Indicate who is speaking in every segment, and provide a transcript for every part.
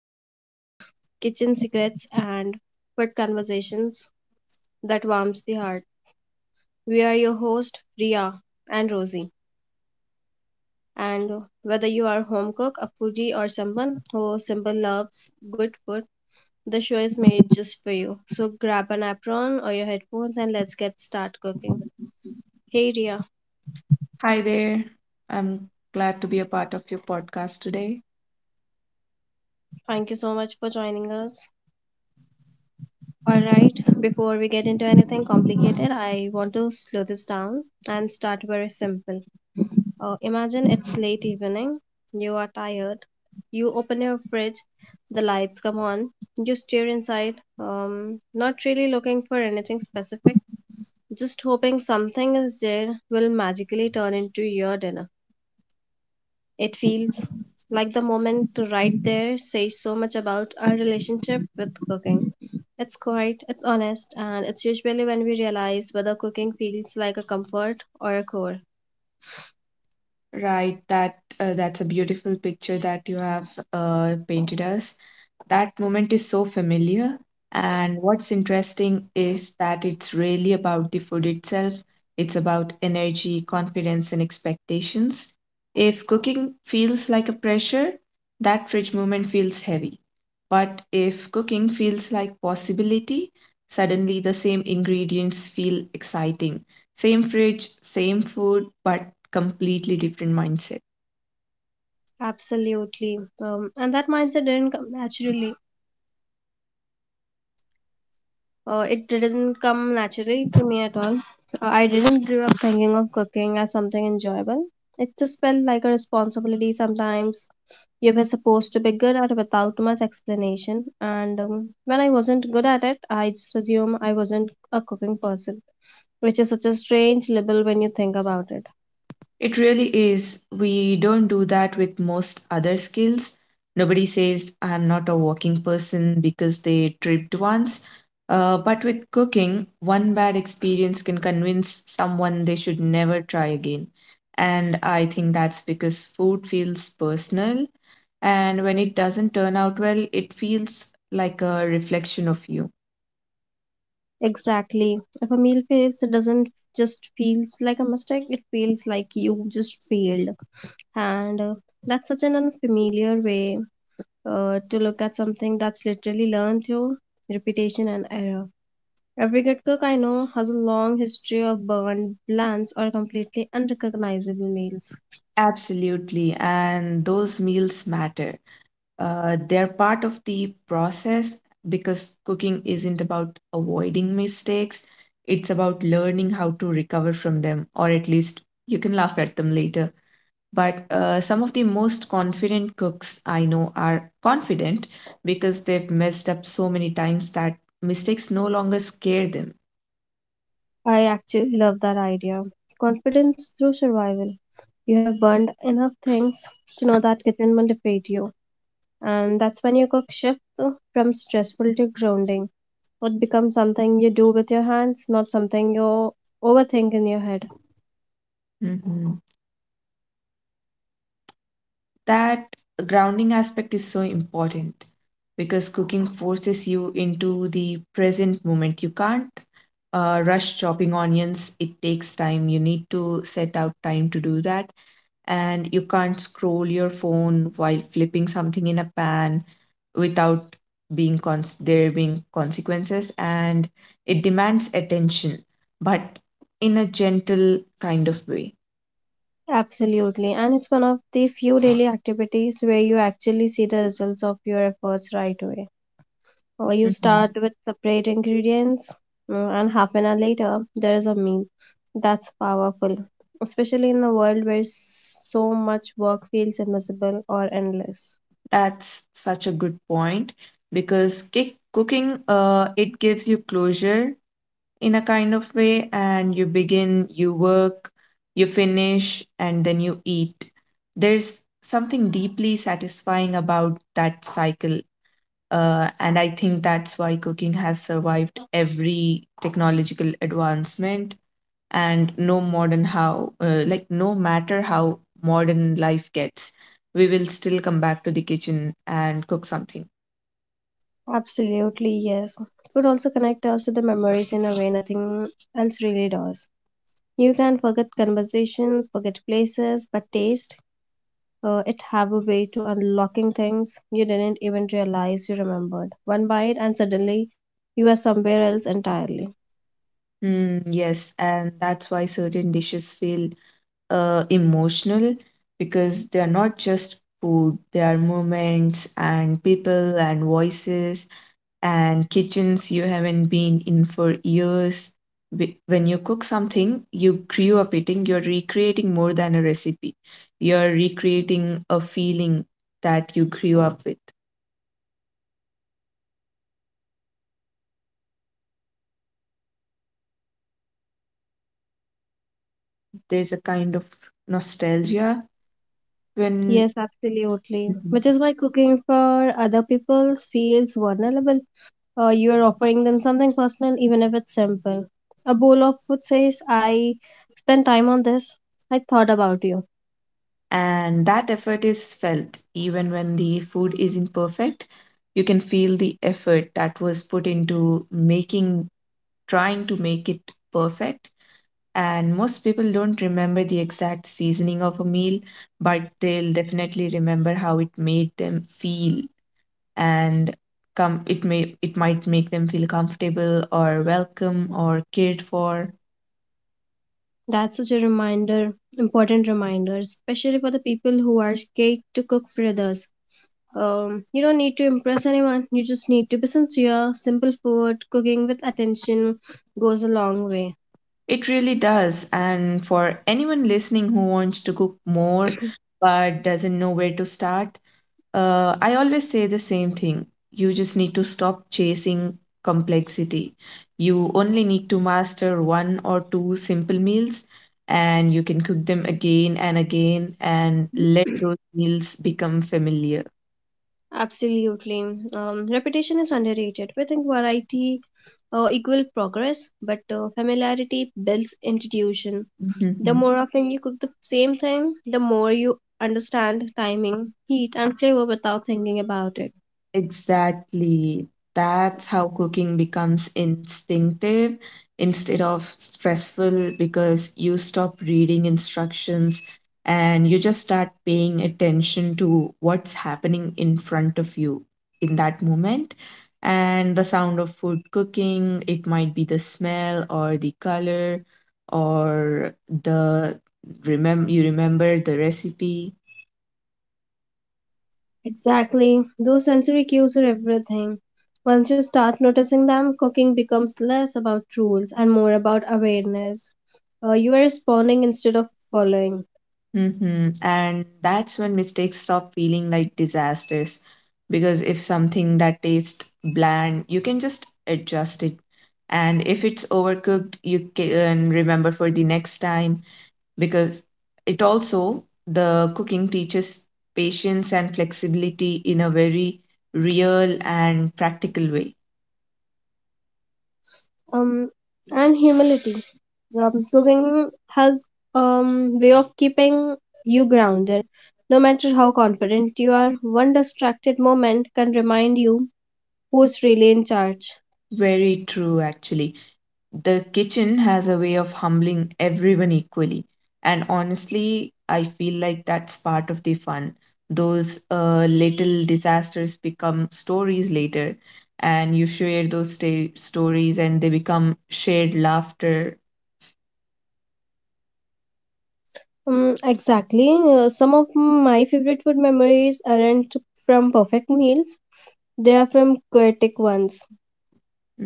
Speaker 1: recipes, kitchen secrets, and food conversations that warms the heart. We are your host, Ria and Rosie. And whether you are home cook, a foodie, or someone who simply loves good food, the show is made just for you. So grab an apron or your headphones and let's get start cooking. Hey Ria,
Speaker 2: Hi there. I'm glad to be a part of your podcast today.
Speaker 1: thank you so much for joining us. All right, before we get into anything complicated, I want to slow this down and start very simple. Imagine it's late evening, you are tired, you open your fridge, the lights come on, you stare inside, not really looking for anything specific, just hoping something is there will magically turn into your dinner. It feels like the moment to right there says so much about our relationship with cooking. It's quiet, it's honest, and it's usually when we realize whether cooking feels like a comfort or a chore.
Speaker 2: Right, that's a beautiful picture that you have painted us. That moment is so familiar, and what's interesting is that it's really about the food itself. It's about energy, confidence, and expectations. If cooking feels like a pressure, that fridge moment feels heavy. But if cooking feels like possibility, suddenly the same ingredients feel exciting. Same fridge, same food, but completely different mindset.
Speaker 1: Absolutely. And that mindset didn't come naturally. It didn't come naturally to me at all. I didn't grow up thinking of cooking as something enjoyable. It just felt like a responsibility sometimes. You were supposed to be good at without much explanation, and when I wasn't good at it, I just assumed I wasn't a cooking person, which is such a strange label when you think about it.
Speaker 2: It really is. We don't do that with most other skills. Nobody says, I'm not a walking person because they tripped once. But with cooking, one bad experience can convince someone they should never try again. And I think that's because food feels personal. And when it doesn't turn out well, it feels like a reflection of you.
Speaker 1: Exactly. If a meal fails, it doesn't just feels like a mistake, it feels like you just failed. And that's such an unfamiliar way to look at something that's literally learned through repetition and error. Every good cook I know has a long history of burned, bland, or completely unrecognizable meals.
Speaker 2: Absolutely, and those meals matter. They're part of the process because cooking isn't about avoiding mistakes, it's about learning how to recover from them, or at least you can laugh at them later. But some of the most confident cooks I know are confident because they've messed up so many times that mistakes no longer scare them.
Speaker 1: I actually love that idea. Confidence through survival. You have burned enough things to know that kitchen will defeat you. And that's when your cook shift from stressful to grounding. It becomes something you do with your hands, not something you overthink in your head.
Speaker 2: Mhm. That grounding aspect is so important because cooking forces you into the present moment. You can't rush chopping onions, it takes time. You need to set out time to do that. And you can't scroll your phone while flipping something in a pan without there being consequences, and it demands attention, but in a gentle kind of way.
Speaker 1: Absolutely. And it's one of the few daily activities where you actually see the results of your efforts right away. You
Speaker 2: Mhm.
Speaker 1: start with separate ingredients, and half an hour later, there is a meal. That's powerful, especially in a world where so much work feels invisible or endless.
Speaker 2: That's such a good point because cooking, it gives you closure in a kind of way. And you begin, you work, you finish, and then you eat. There's something deeply satisfying about that cycle. And I think that's why cooking has survived every technological advancement. And no modern how like no matter how modern life gets, we will still come back to the kitchen and cook something.
Speaker 1: Absolutely, yes. Food also connects us to the memories in a way nothing else really does. You can forget conversations, forget places, but taste, it have a way to unlocking things you didn't even realize you remembered. One bite and suddenly you are somewhere else entirely.
Speaker 2: Hmm. Yes, and that's why certain dishes feel emotional, because they are not just food, they are moments and people and voices and kitchens you haven't been in for years. When you cook something you grew up eating, you're recreating more than a recipe. You're recreating a feeling that you grew up with. There's a kind of nostalgia when…
Speaker 1: Yes, absolutely. Which
Speaker 2: Mhm.
Speaker 1: is why cooking for other people feels vulnerable. You are offering them something personal, even if it's simple. A bowl of food says, I spent time on this. I thought about you.
Speaker 2: And that effort is felt even when the food isn't perfect. You can feel the effort that was put into making, trying to make it perfect. And most people don't remember the exact seasoning of a meal, but they'll definitely remember how it made them feel. And come it may, it might make them feel comfortable or welcome or cared for.
Speaker 1: That's such a reminder, important reminder, especially for the people who are scared to cook for others. You don't need to impress anyone, you just need to be sincere. Simple food, cooking with attention goes a long way.
Speaker 2: It really does. And for anyone listening who wants to cook more but doesn't know where to start, I always say the same thing. You just need to stop chasing complexity. You only need to master one or two simple meals, and you can cook them again and again and let those meals become familiar.
Speaker 1: Absolutely. Repetition is underrated. We think variety equal progress, but familiarity builds institution. The more often you cook the same thing, the more you understand timing, heat, and flavor without thinking about it.
Speaker 2: Exactly. That's how cooking becomes instinctive instead of stressful, because you stop reading instructions and you just start paying attention to what's happening in front of you in that moment. And the sound of food cooking, it might be the smell or the color or the… remember, you remember the recipe.
Speaker 1: Exactly. Those sensory cues are everything. Once you start noticing them, cooking becomes less about rules and more about awareness. You are responding instead of following.
Speaker 2: Mm-hmm. And that's when mistakes stop feeling like disasters. Because if something that tastes bland, you can just adjust it. And if it's overcooked, you can remember for the next time. Because it also, the cooking teaches patience and flexibility in a very real and practical way.
Speaker 1: um, and humility. Cooking has way of keeping you grounded. No matter how confident you are, one distracted moment can remind you who's really in charge.
Speaker 2: Very true, actually. The kitchen has a way of humbling everyone equally. And honestly, I feel like that's part of the fun. Those little disasters become stories later, and you share those stories, and they become shared laughter.
Speaker 1: Exactly. Some of my favorite food memories aren't from perfect meals. They are from chaotic ones.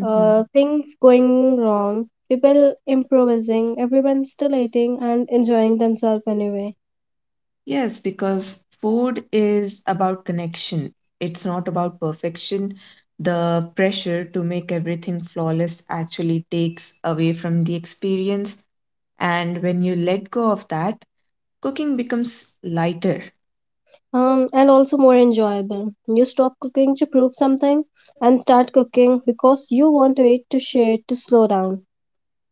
Speaker 1: Things going wrong, people improvising, everyone still eating and enjoying themselves anyway.
Speaker 2: Yes, because food is about connection. It's not about perfection. The pressure to make everything flawless actually takes away from the experience. And when you let go of that, cooking becomes lighter.
Speaker 1: And also more enjoyable. You stop cooking to prove something and start cooking because you want to eat, to share, to slow down.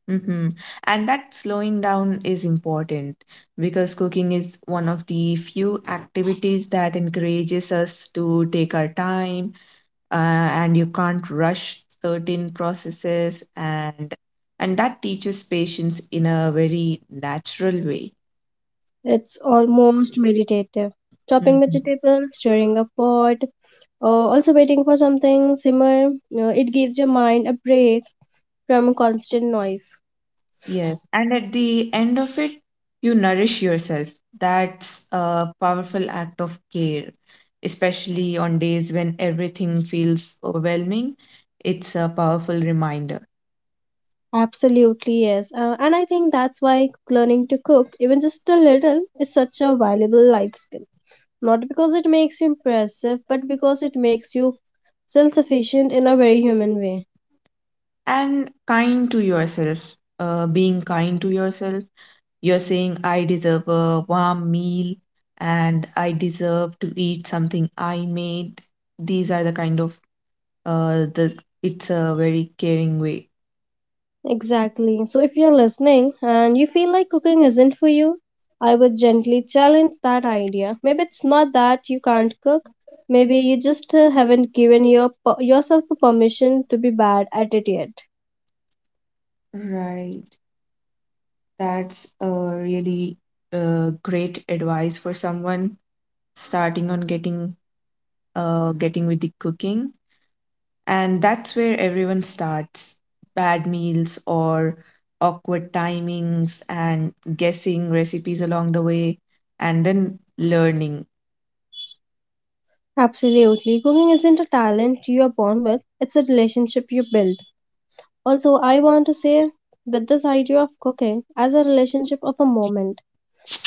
Speaker 2: Hmm. And that slowing down is important, because cooking is one of the few activities that encourages us to take our time. And you can't rush certain processes, and that teaches patience in a very natural way.
Speaker 1: It's almost meditative. Chopping
Speaker 2: Mhm.
Speaker 1: vegetables, stirring a pot, also waiting for something simmer. It gives your mind a break from constant noise.
Speaker 2: Yes, and at the end of it, you nourish yourself. That's a powerful act of care, especially on days when everything feels overwhelming. It's a powerful reminder.
Speaker 1: Absolutely yes, and I think that's why learning to cook, even just a little, is such a valuable life skill. Not because it makes you impressive, but because it makes you self sufficient in a very human way.
Speaker 2: And kind to yourself. Being kind to yourself. You're saying, I deserve a warm meal, and I deserve to eat something I made. These are the kind of, the it's a very caring way.
Speaker 1: Exactly. So, if you're listening and you feel like cooking isn't for you, I would gently challenge that idea. Maybe it's not that you can't cook. Maybe you just haven't given yourself a permission to be bad at it yet.
Speaker 2: Right. That's a really great advice for someone starting on getting, getting with the cooking. And that's where everyone starts. Bad meals or awkward timings and guessing recipes along the way, and then learning.
Speaker 1: Absolutely. Cooking isn't a talent you are born with, it's a relationship you build. Also, I want to say with this idea of cooking as a relationship of a moment.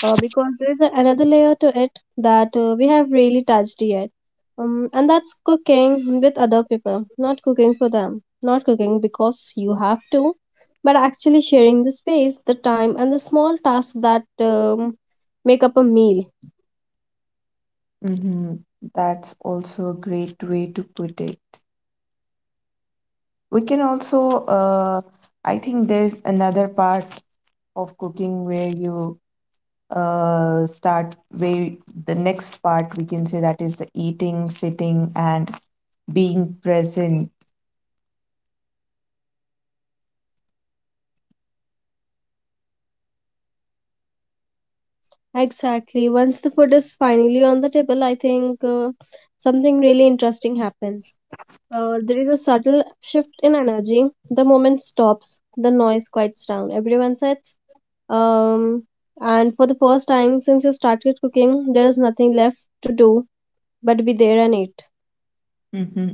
Speaker 1: Because there is another layer to it that we have really touched yet. And that's cooking with other people, not cooking for them, not cooking because you have to, but actually sharing the space, the time, and the small tasks that make up a meal.
Speaker 2: Hmm. That's also a great way to put it. We can also, uh, I think there's another part of cooking where you start, where the next part, we can say that is the eating, sitting, and being present.
Speaker 1: Exactly. Once the food is finally on the table, I think something really interesting happens. There is a subtle shift in energy. The moment stops. The noise quiets down. Everyone sits. Um, and for the first time since you started cooking, there is nothing left to do but be there and eat.
Speaker 2: Hmm.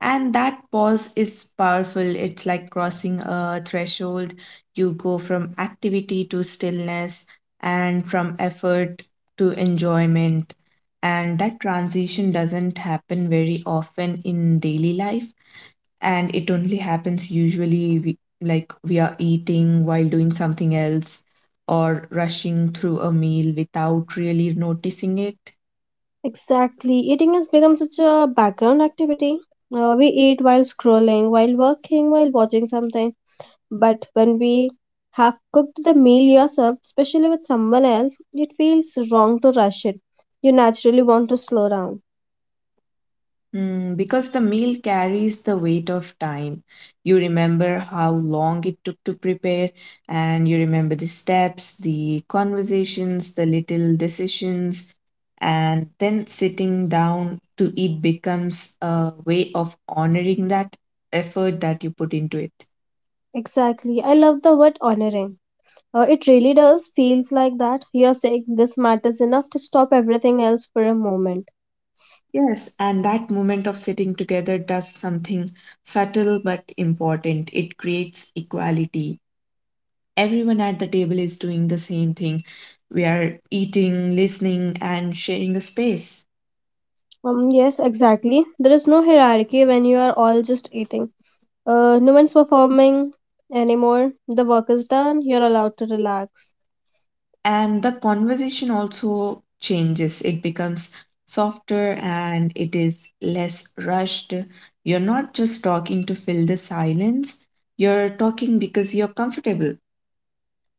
Speaker 2: And that pause is powerful. It's like crossing a threshold. You go from activity to stillness, and from effort to enjoyment. And that transition doesn't happen very often in daily life. And it only happens usually we, like we are eating while doing something else or rushing through a meal without really noticing it.
Speaker 1: Exactly. Eating has become such a background activity. We eat while scrolling, while working, while watching something. But when we have cooked the meal yourself, especially with someone else, it feels wrong to rush it. You naturally want to slow down.
Speaker 2: Mm, because the meal carries the weight of time. You remember how long it took to prepare, and you remember the steps, the conversations, the little decisions, and then sitting down to eat becomes a way of honoring that effort that you put into it.
Speaker 1: Exactly. I love the word honoring. It really does feels like that. You're saying this matters enough to stop everything else for a moment.
Speaker 2: Yes, and that moment of sitting together does something subtle but important. It creates equality. Everyone at the table is doing the same thing. We are eating, listening, and sharing a space.
Speaker 1: Yes, exactly. There is no hierarchy when you are all just eating. No one's performing anymore. The work is done. You're allowed to relax.
Speaker 2: And the conversation also changes, it becomes softer and it is less rushed. You're not just talking to fill the silence, you're talking because you're comfortable.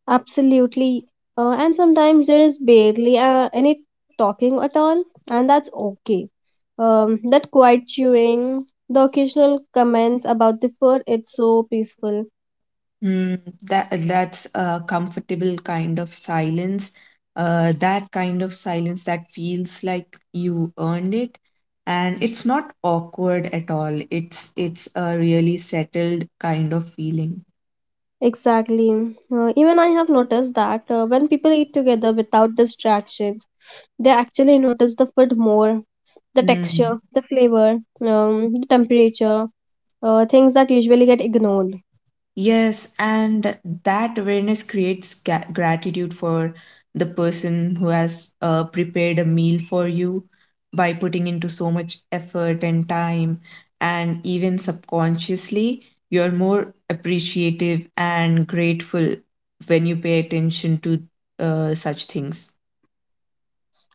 Speaker 1: Absolutely. And sometimes there is barely any talking at all, and that's okay. That quiet chewing, the occasional comments about the food, it's so peaceful.
Speaker 2: Mm, that that's a comfortable kind of silence. That kind of silence that feels like you earned it, and it's not awkward at all. It's a really settled kind of feeling.
Speaker 1: Exactly. Even I have noticed that when people eat together without distractions, they actually notice the food more, the
Speaker 2: Mm.
Speaker 1: texture, the flavor, the temperature, things that usually get ignored.
Speaker 2: Yes, and that awareness creates gratitude for the person who has prepared a meal for you by putting into so much effort and time. And even subconsciously, you're more appreciative and grateful when you pay attention to such things.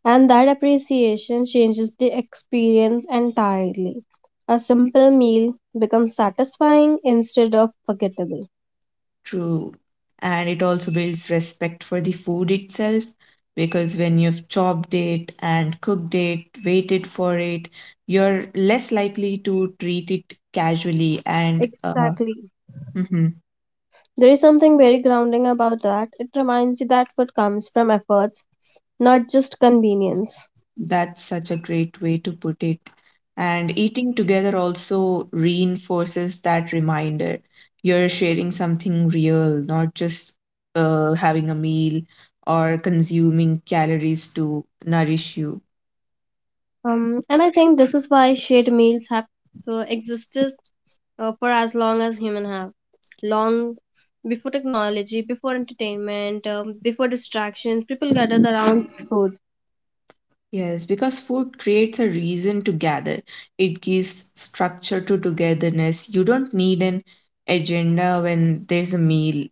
Speaker 1: And that appreciation changes the experience entirely. A simple meal becomes satisfying instead of forgettable.
Speaker 2: True. And it also builds respect for the food itself, because when you've chopped it and cooked it, waited for it, you're less likely to treat it casually. And
Speaker 1: Exactly.
Speaker 2: mhm,
Speaker 1: There is something very grounding about that. It reminds you that food comes from efforts, not just convenience.
Speaker 2: that's such a great way to put it. And eating together also reinforces that reminder. You're sharing something real, not just having a meal or consuming calories to nourish you.
Speaker 1: And I think this is why shared meals have existed for as long as human have, long before technology, before entertainment, before distractions. People gathered around food.
Speaker 2: Yes, because food creates a reason to gather. It gives structure to togetherness. You don't need an agenda when there's a meal.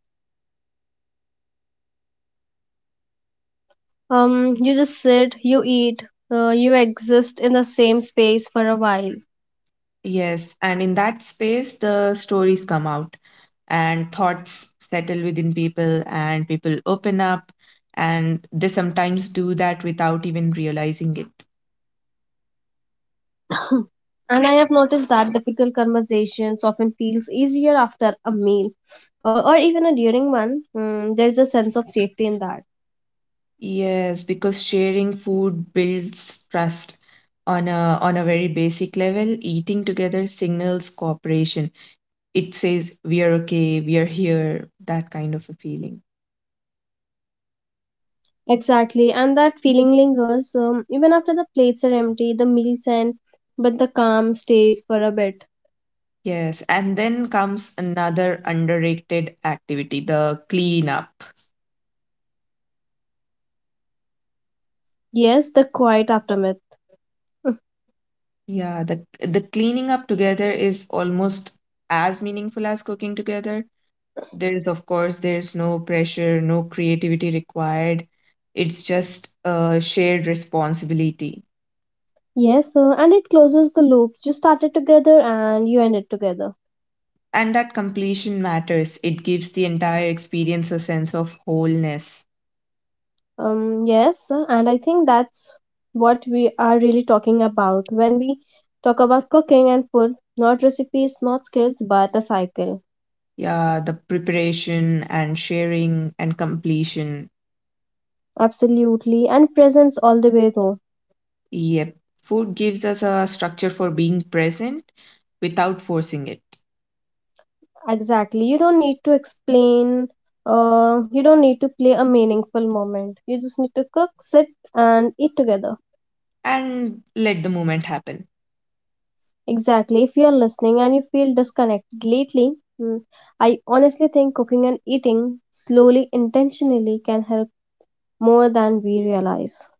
Speaker 1: You just sit, you eat, you exist in the same space for a while.
Speaker 2: Yes, and in that space, the stories come out and thoughts settle within people, and people open up, and they sometimes do that without even realizing it.
Speaker 1: And I have noticed that difficult conversations often feels easier after a meal, or even during one. There's a sense of safety in that.
Speaker 2: Yes, because sharing food builds trust on a very basic level. Eating together signals cooperation, it says we are okay, we are here, that kind of a feeling.
Speaker 1: Exactly, and that feeling lingers even after the plates are empty, the meals end, but the calm stays for a bit.
Speaker 2: Yes, and then comes another underrated activity, the cleanup.
Speaker 1: Yes, the quiet aftermath.
Speaker 2: Yeah, the cleaning up together is almost as meaningful as cooking together. There is, of course there's no pressure, no creativity required, it's just a shared responsibility.
Speaker 1: Yes, and it closes the loops. You started together and you ended together.
Speaker 2: And that completion matters, it gives the entire experience a sense of wholeness.
Speaker 1: Yes, and I think that's what we are really talking about when we talk about cooking and food, not recipes, not skills, but a cycle.
Speaker 2: Yeah, the preparation and sharing and completion.
Speaker 1: Absolutely, and presence all the way though.
Speaker 2: Yep. Food gives us a structure for being present without forcing it.
Speaker 1: Exactly. You don't need to explain. You don't need to play a meaningful moment. You just need to cook, sit, and eat together.
Speaker 2: And let the moment happen.
Speaker 1: Exactly. If you are listening and you feel disconnected lately, mm, I honestly think cooking and eating slowly, intentionally can help more than we realize.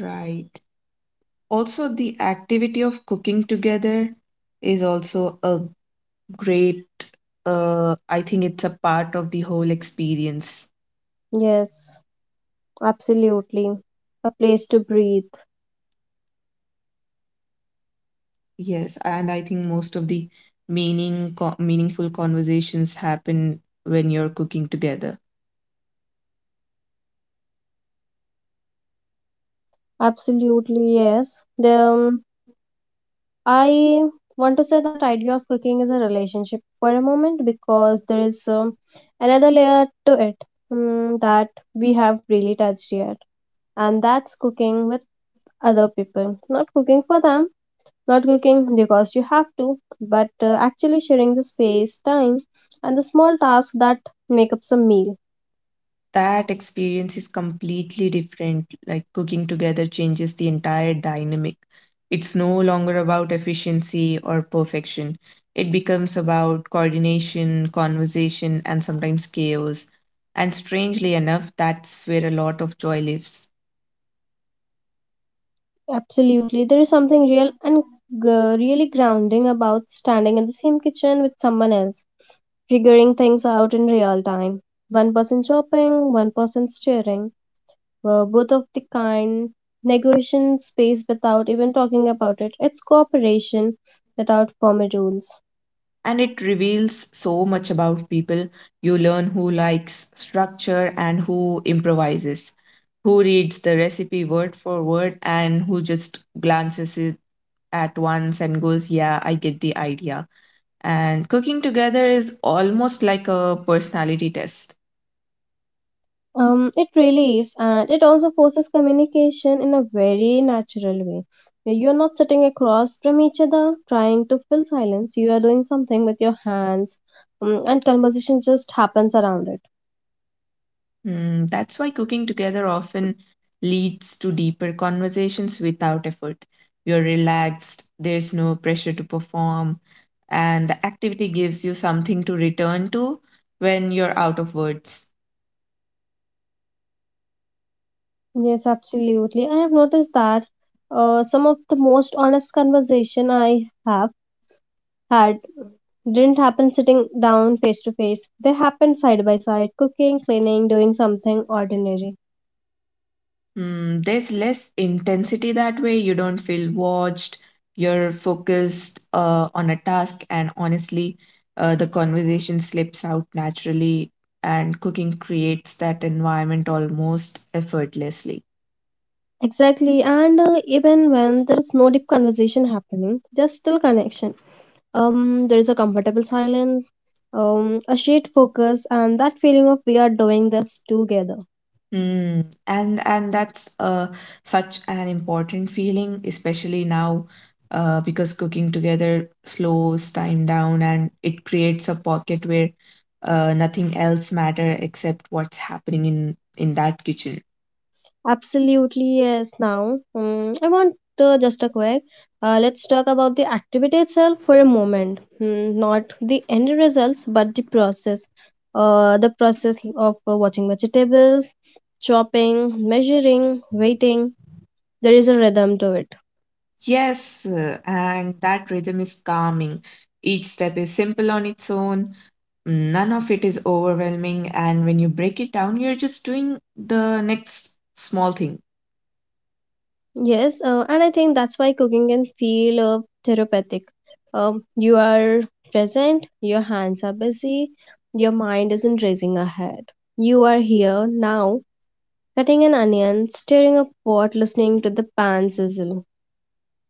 Speaker 2: Right. Also, the activity of cooking together is also a great, I think it's a part of the whole experience.
Speaker 1: Yes, absolutely. A place to breathe.
Speaker 2: Yes, and I think most of the meaningful conversations happen when you're cooking together.
Speaker 1: Absolutely, yes. I want to say that idea of cooking is a relationship for a moment because there is another layer to it that we have really touched yet, and that's cooking with other people. Not cooking for them, not cooking because you have to, but actually sharing the space, time, and the small tasks that make up some meal.
Speaker 2: That experience is completely different. Like cooking together changes the entire dynamic. It's no longer about efficiency or perfection. It becomes about coordination, conversation, and sometimes chaos. And strangely enough, that's where a lot of joy lives.
Speaker 1: Absolutely, there is something real and really grounding about standing in the same kitchen with someone else figuring things out in real time. One person shopping, one person steering. Both of the kind negotiation space without even talking about it. It's cooperation without formal rules.
Speaker 2: And it reveals so much about people. You learn who likes structure and who improvises, who reads the recipe word for word and who just glances it at once and goes, yeah, I get the idea. And cooking together is almost like a personality test.
Speaker 1: It really is, and it also forces communication in a very natural way. You're not sitting across from each other trying to fill silence. You are doing something with your hands, and conversation just happens around it.
Speaker 2: Mm, that's why cooking together often leads to deeper conversations without effort. You're relaxed, there's no pressure to perform, and the activity gives you something to return to when you're out of words.
Speaker 1: Yes, absolutely. I have noticed that some of the most honest conversation I have had didn't happen sitting down face to face. They happened side by side, cooking, cleaning, doing something ordinary.
Speaker 2: Mm, there's less intensity that way. You don't feel watched. You're focused on a task, and honestly, the conversation slips out naturally, and cooking creates that environment almost effortlessly.
Speaker 1: Exactly, and even when there is no deep conversation happening, there's still connection. There is a comfortable silence, a shared focus, and that feeling of we are doing this together.
Speaker 2: Mm, and that's such an important feeling, especially now, because cooking together slows time down and it creates a pocket where nothing else matter except what's happening in that kitchen.
Speaker 1: Absolutely, yes. Now, I want just a quick. Let's talk about the activity itself for a moment. Not the end results, but the process. The process of watching vegetables, chopping, measuring, waiting. There is a rhythm to it.
Speaker 2: Yes, and that rhythm is calming. Each step is simple on its own. None of it is overwhelming, and when you break it down, you're just doing the next small thing.
Speaker 1: Yes, and I think that's why cooking can feel therapeutic. You are present, your hands are busy, your mind isn't racing ahead. You are here now cutting an onion, stirring a pot, listening to the pan sizzle.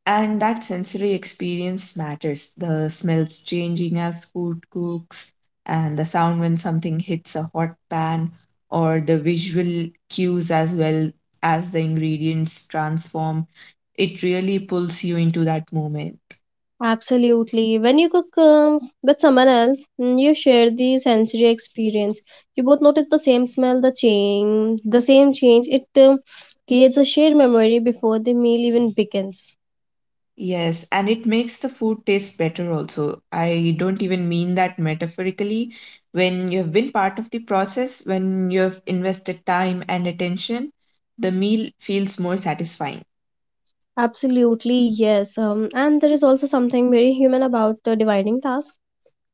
Speaker 2: And that sensory experience matters. The smells changing as food cooks, and the sound when something hits a hot pan, or the visual cues as well as the ingredients transform. It really pulls you into that moment.
Speaker 1: Absolutely. When you cook with someone else, mm, you share the sensory experience. You both notice the same smell, the change, the same change. It creates a shared memory before the meal even begins.
Speaker 2: Yes, and it makes the food taste better also. I don't even mean that metaphorically. When you have been part of the process, when you have invested time and attention, the meal feels more satisfying.
Speaker 1: Absolutely, yes. And there is also something very human about dividing tasks.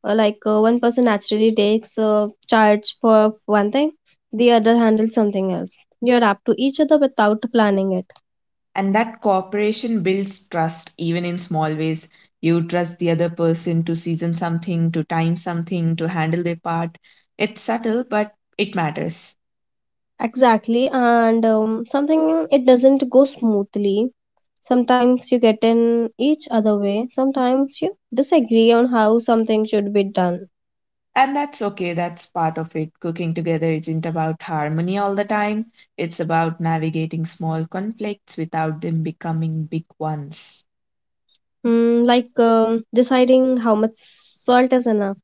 Speaker 1: Like, one person naturally takes charge for one thing, the other handles something else. You are up to each other without planning it.
Speaker 2: And that cooperation builds trust even in small ways. You trust the other person to season something, to time something, to handle their part. It's subtle, but it matters.
Speaker 1: Exactly, and something it doesn't go smoothly. Sometimes you get in each other way. Sometimes you disagree on how something should be done.
Speaker 2: And that's okay, that's part of it. Cooking together isn't about harmony all the time, it's about navigating small conflicts without them becoming big ones.
Speaker 1: Mm, like, deciding how much salt is enough.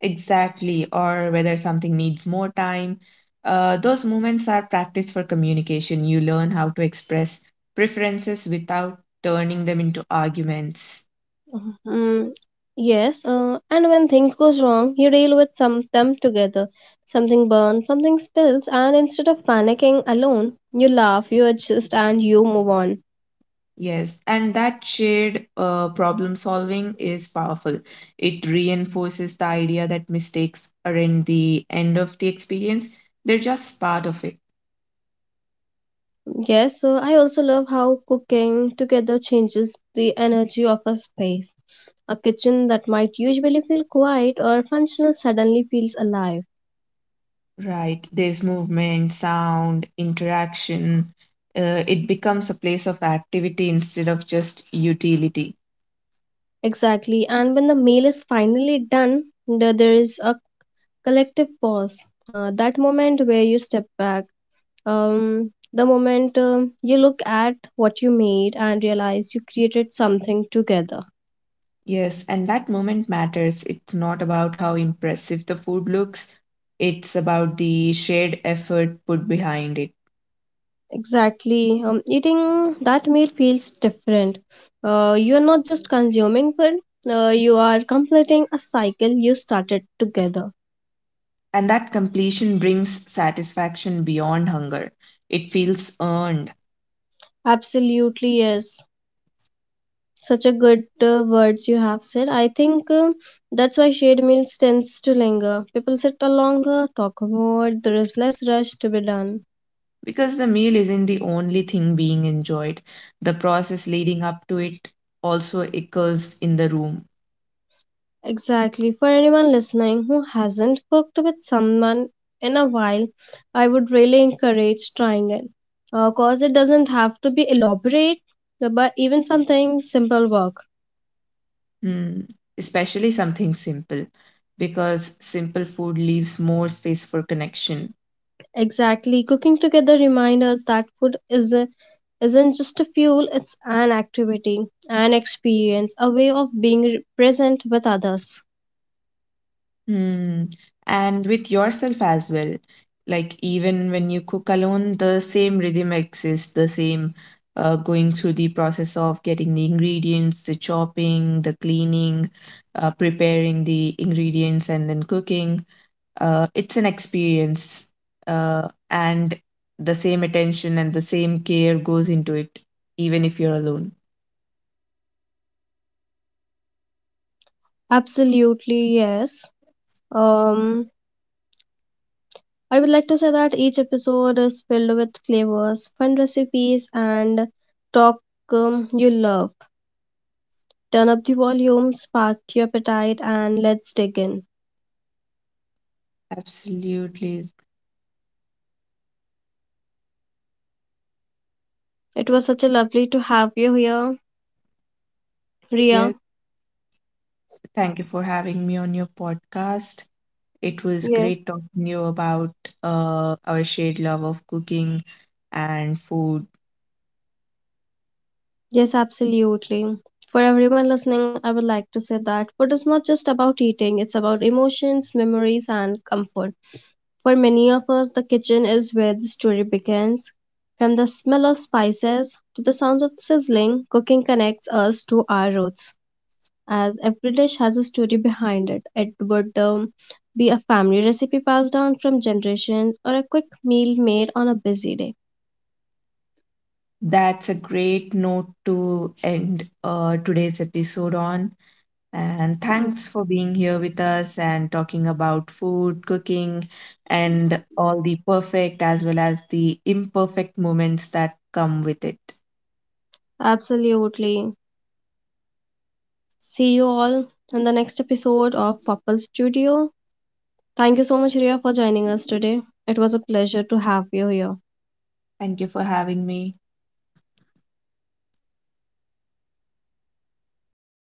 Speaker 2: Exactly, or whether something needs more time. Those moments are practice for communication. You learn how to express preferences without turning them into arguments.
Speaker 1: Mhm. Yes, and when things goes wrong, you deal with some them together. Something burns, something spills, and instead of panicking alone, you laugh, you adjust, and you move on.
Speaker 2: Yes, and that shared problem solving is powerful. It reinforces the idea that mistakes aren't the end of the experience, they're just part of it.
Speaker 1: Yes, I also love how cooking together changes the energy of a space. A kitchen that might usually feel quiet or functional suddenly feels alive.
Speaker 2: Right. There's movement, sound, interaction. It becomes a place of activity instead of just utility.
Speaker 1: Exactly, and when the meal is finally done, the, there is a collective pause. That moment where you step back, the moment you look at what you made and realize you created something together.
Speaker 2: Yes, and that moment matters. It's not about how impressive the food looks, it's about the shared effort put behind it.
Speaker 1: Exactly. Eating that meal feels different. You're not just consuming food, you are completing a cycle you started together.
Speaker 2: And that completion brings satisfaction beyond hunger. It feels earned,
Speaker 1: Absolutely, yes. Such a good words you have said. I think that's why shared meals tends to linger. People sit longer, talk more, there is less rush to be done.
Speaker 2: because the meal isn't the only thing being enjoyed. The process leading up to it also occurs in the room.
Speaker 1: Exactly. For anyone listening who hasn't cooked with someone in a while, I would really encourage trying it. Of course, it doesn't have to be elaborate, but even something simple work.
Speaker 2: Hmm, especially something simple, because simple food leaves more space for connection.
Speaker 1: Exactly. Cooking together reminds us that food isn't just a fuel, it's an activity, an experience, a way of being present with others.
Speaker 2: Hmm. And with yourself as well. Like, even when you cook alone, the same rhythm exists, the same, going through the process of getting the ingredients, the chopping, the cleaning, preparing the ingredients, and then cooking. It's an experience. And the same attention and the same care goes into it, even if you're alone.
Speaker 1: Absolutely, yes. Um, I would like to say that each episode is filled with flavors, fun recipes, and talk you love. Turn up the volume, spark your appetite, and let's dig in.
Speaker 2: Absolutely.
Speaker 1: It was such a lovely to have you here, Ria.
Speaker 2: Yes. Thank you for having me on your podcast. It was
Speaker 1: Yes.
Speaker 2: great talking you about, our shared love of cooking and food.
Speaker 1: Yes, absolutely. For everyone listening, I would like to say that food is not just about eating, it's about emotions, memories, and comfort. For many of us, the kitchen is where the story begins. From the smell of spices to the sounds of sizzling, cooking connects us to our roots. As every dish has a story behind it, it would be a family recipe passed down from generations or a quick meal made on a busy day.
Speaker 2: That's a great note to end today's episode on. And thanks for being here with us and talking about food, cooking, and all the perfect as well as the imperfect moments that come with it.
Speaker 1: Absolutely. See you all in the next episode of Popple Studio. Thank you so much, Ria, for joining us today. It was a pleasure to have you here.
Speaker 2: Thank you for having me.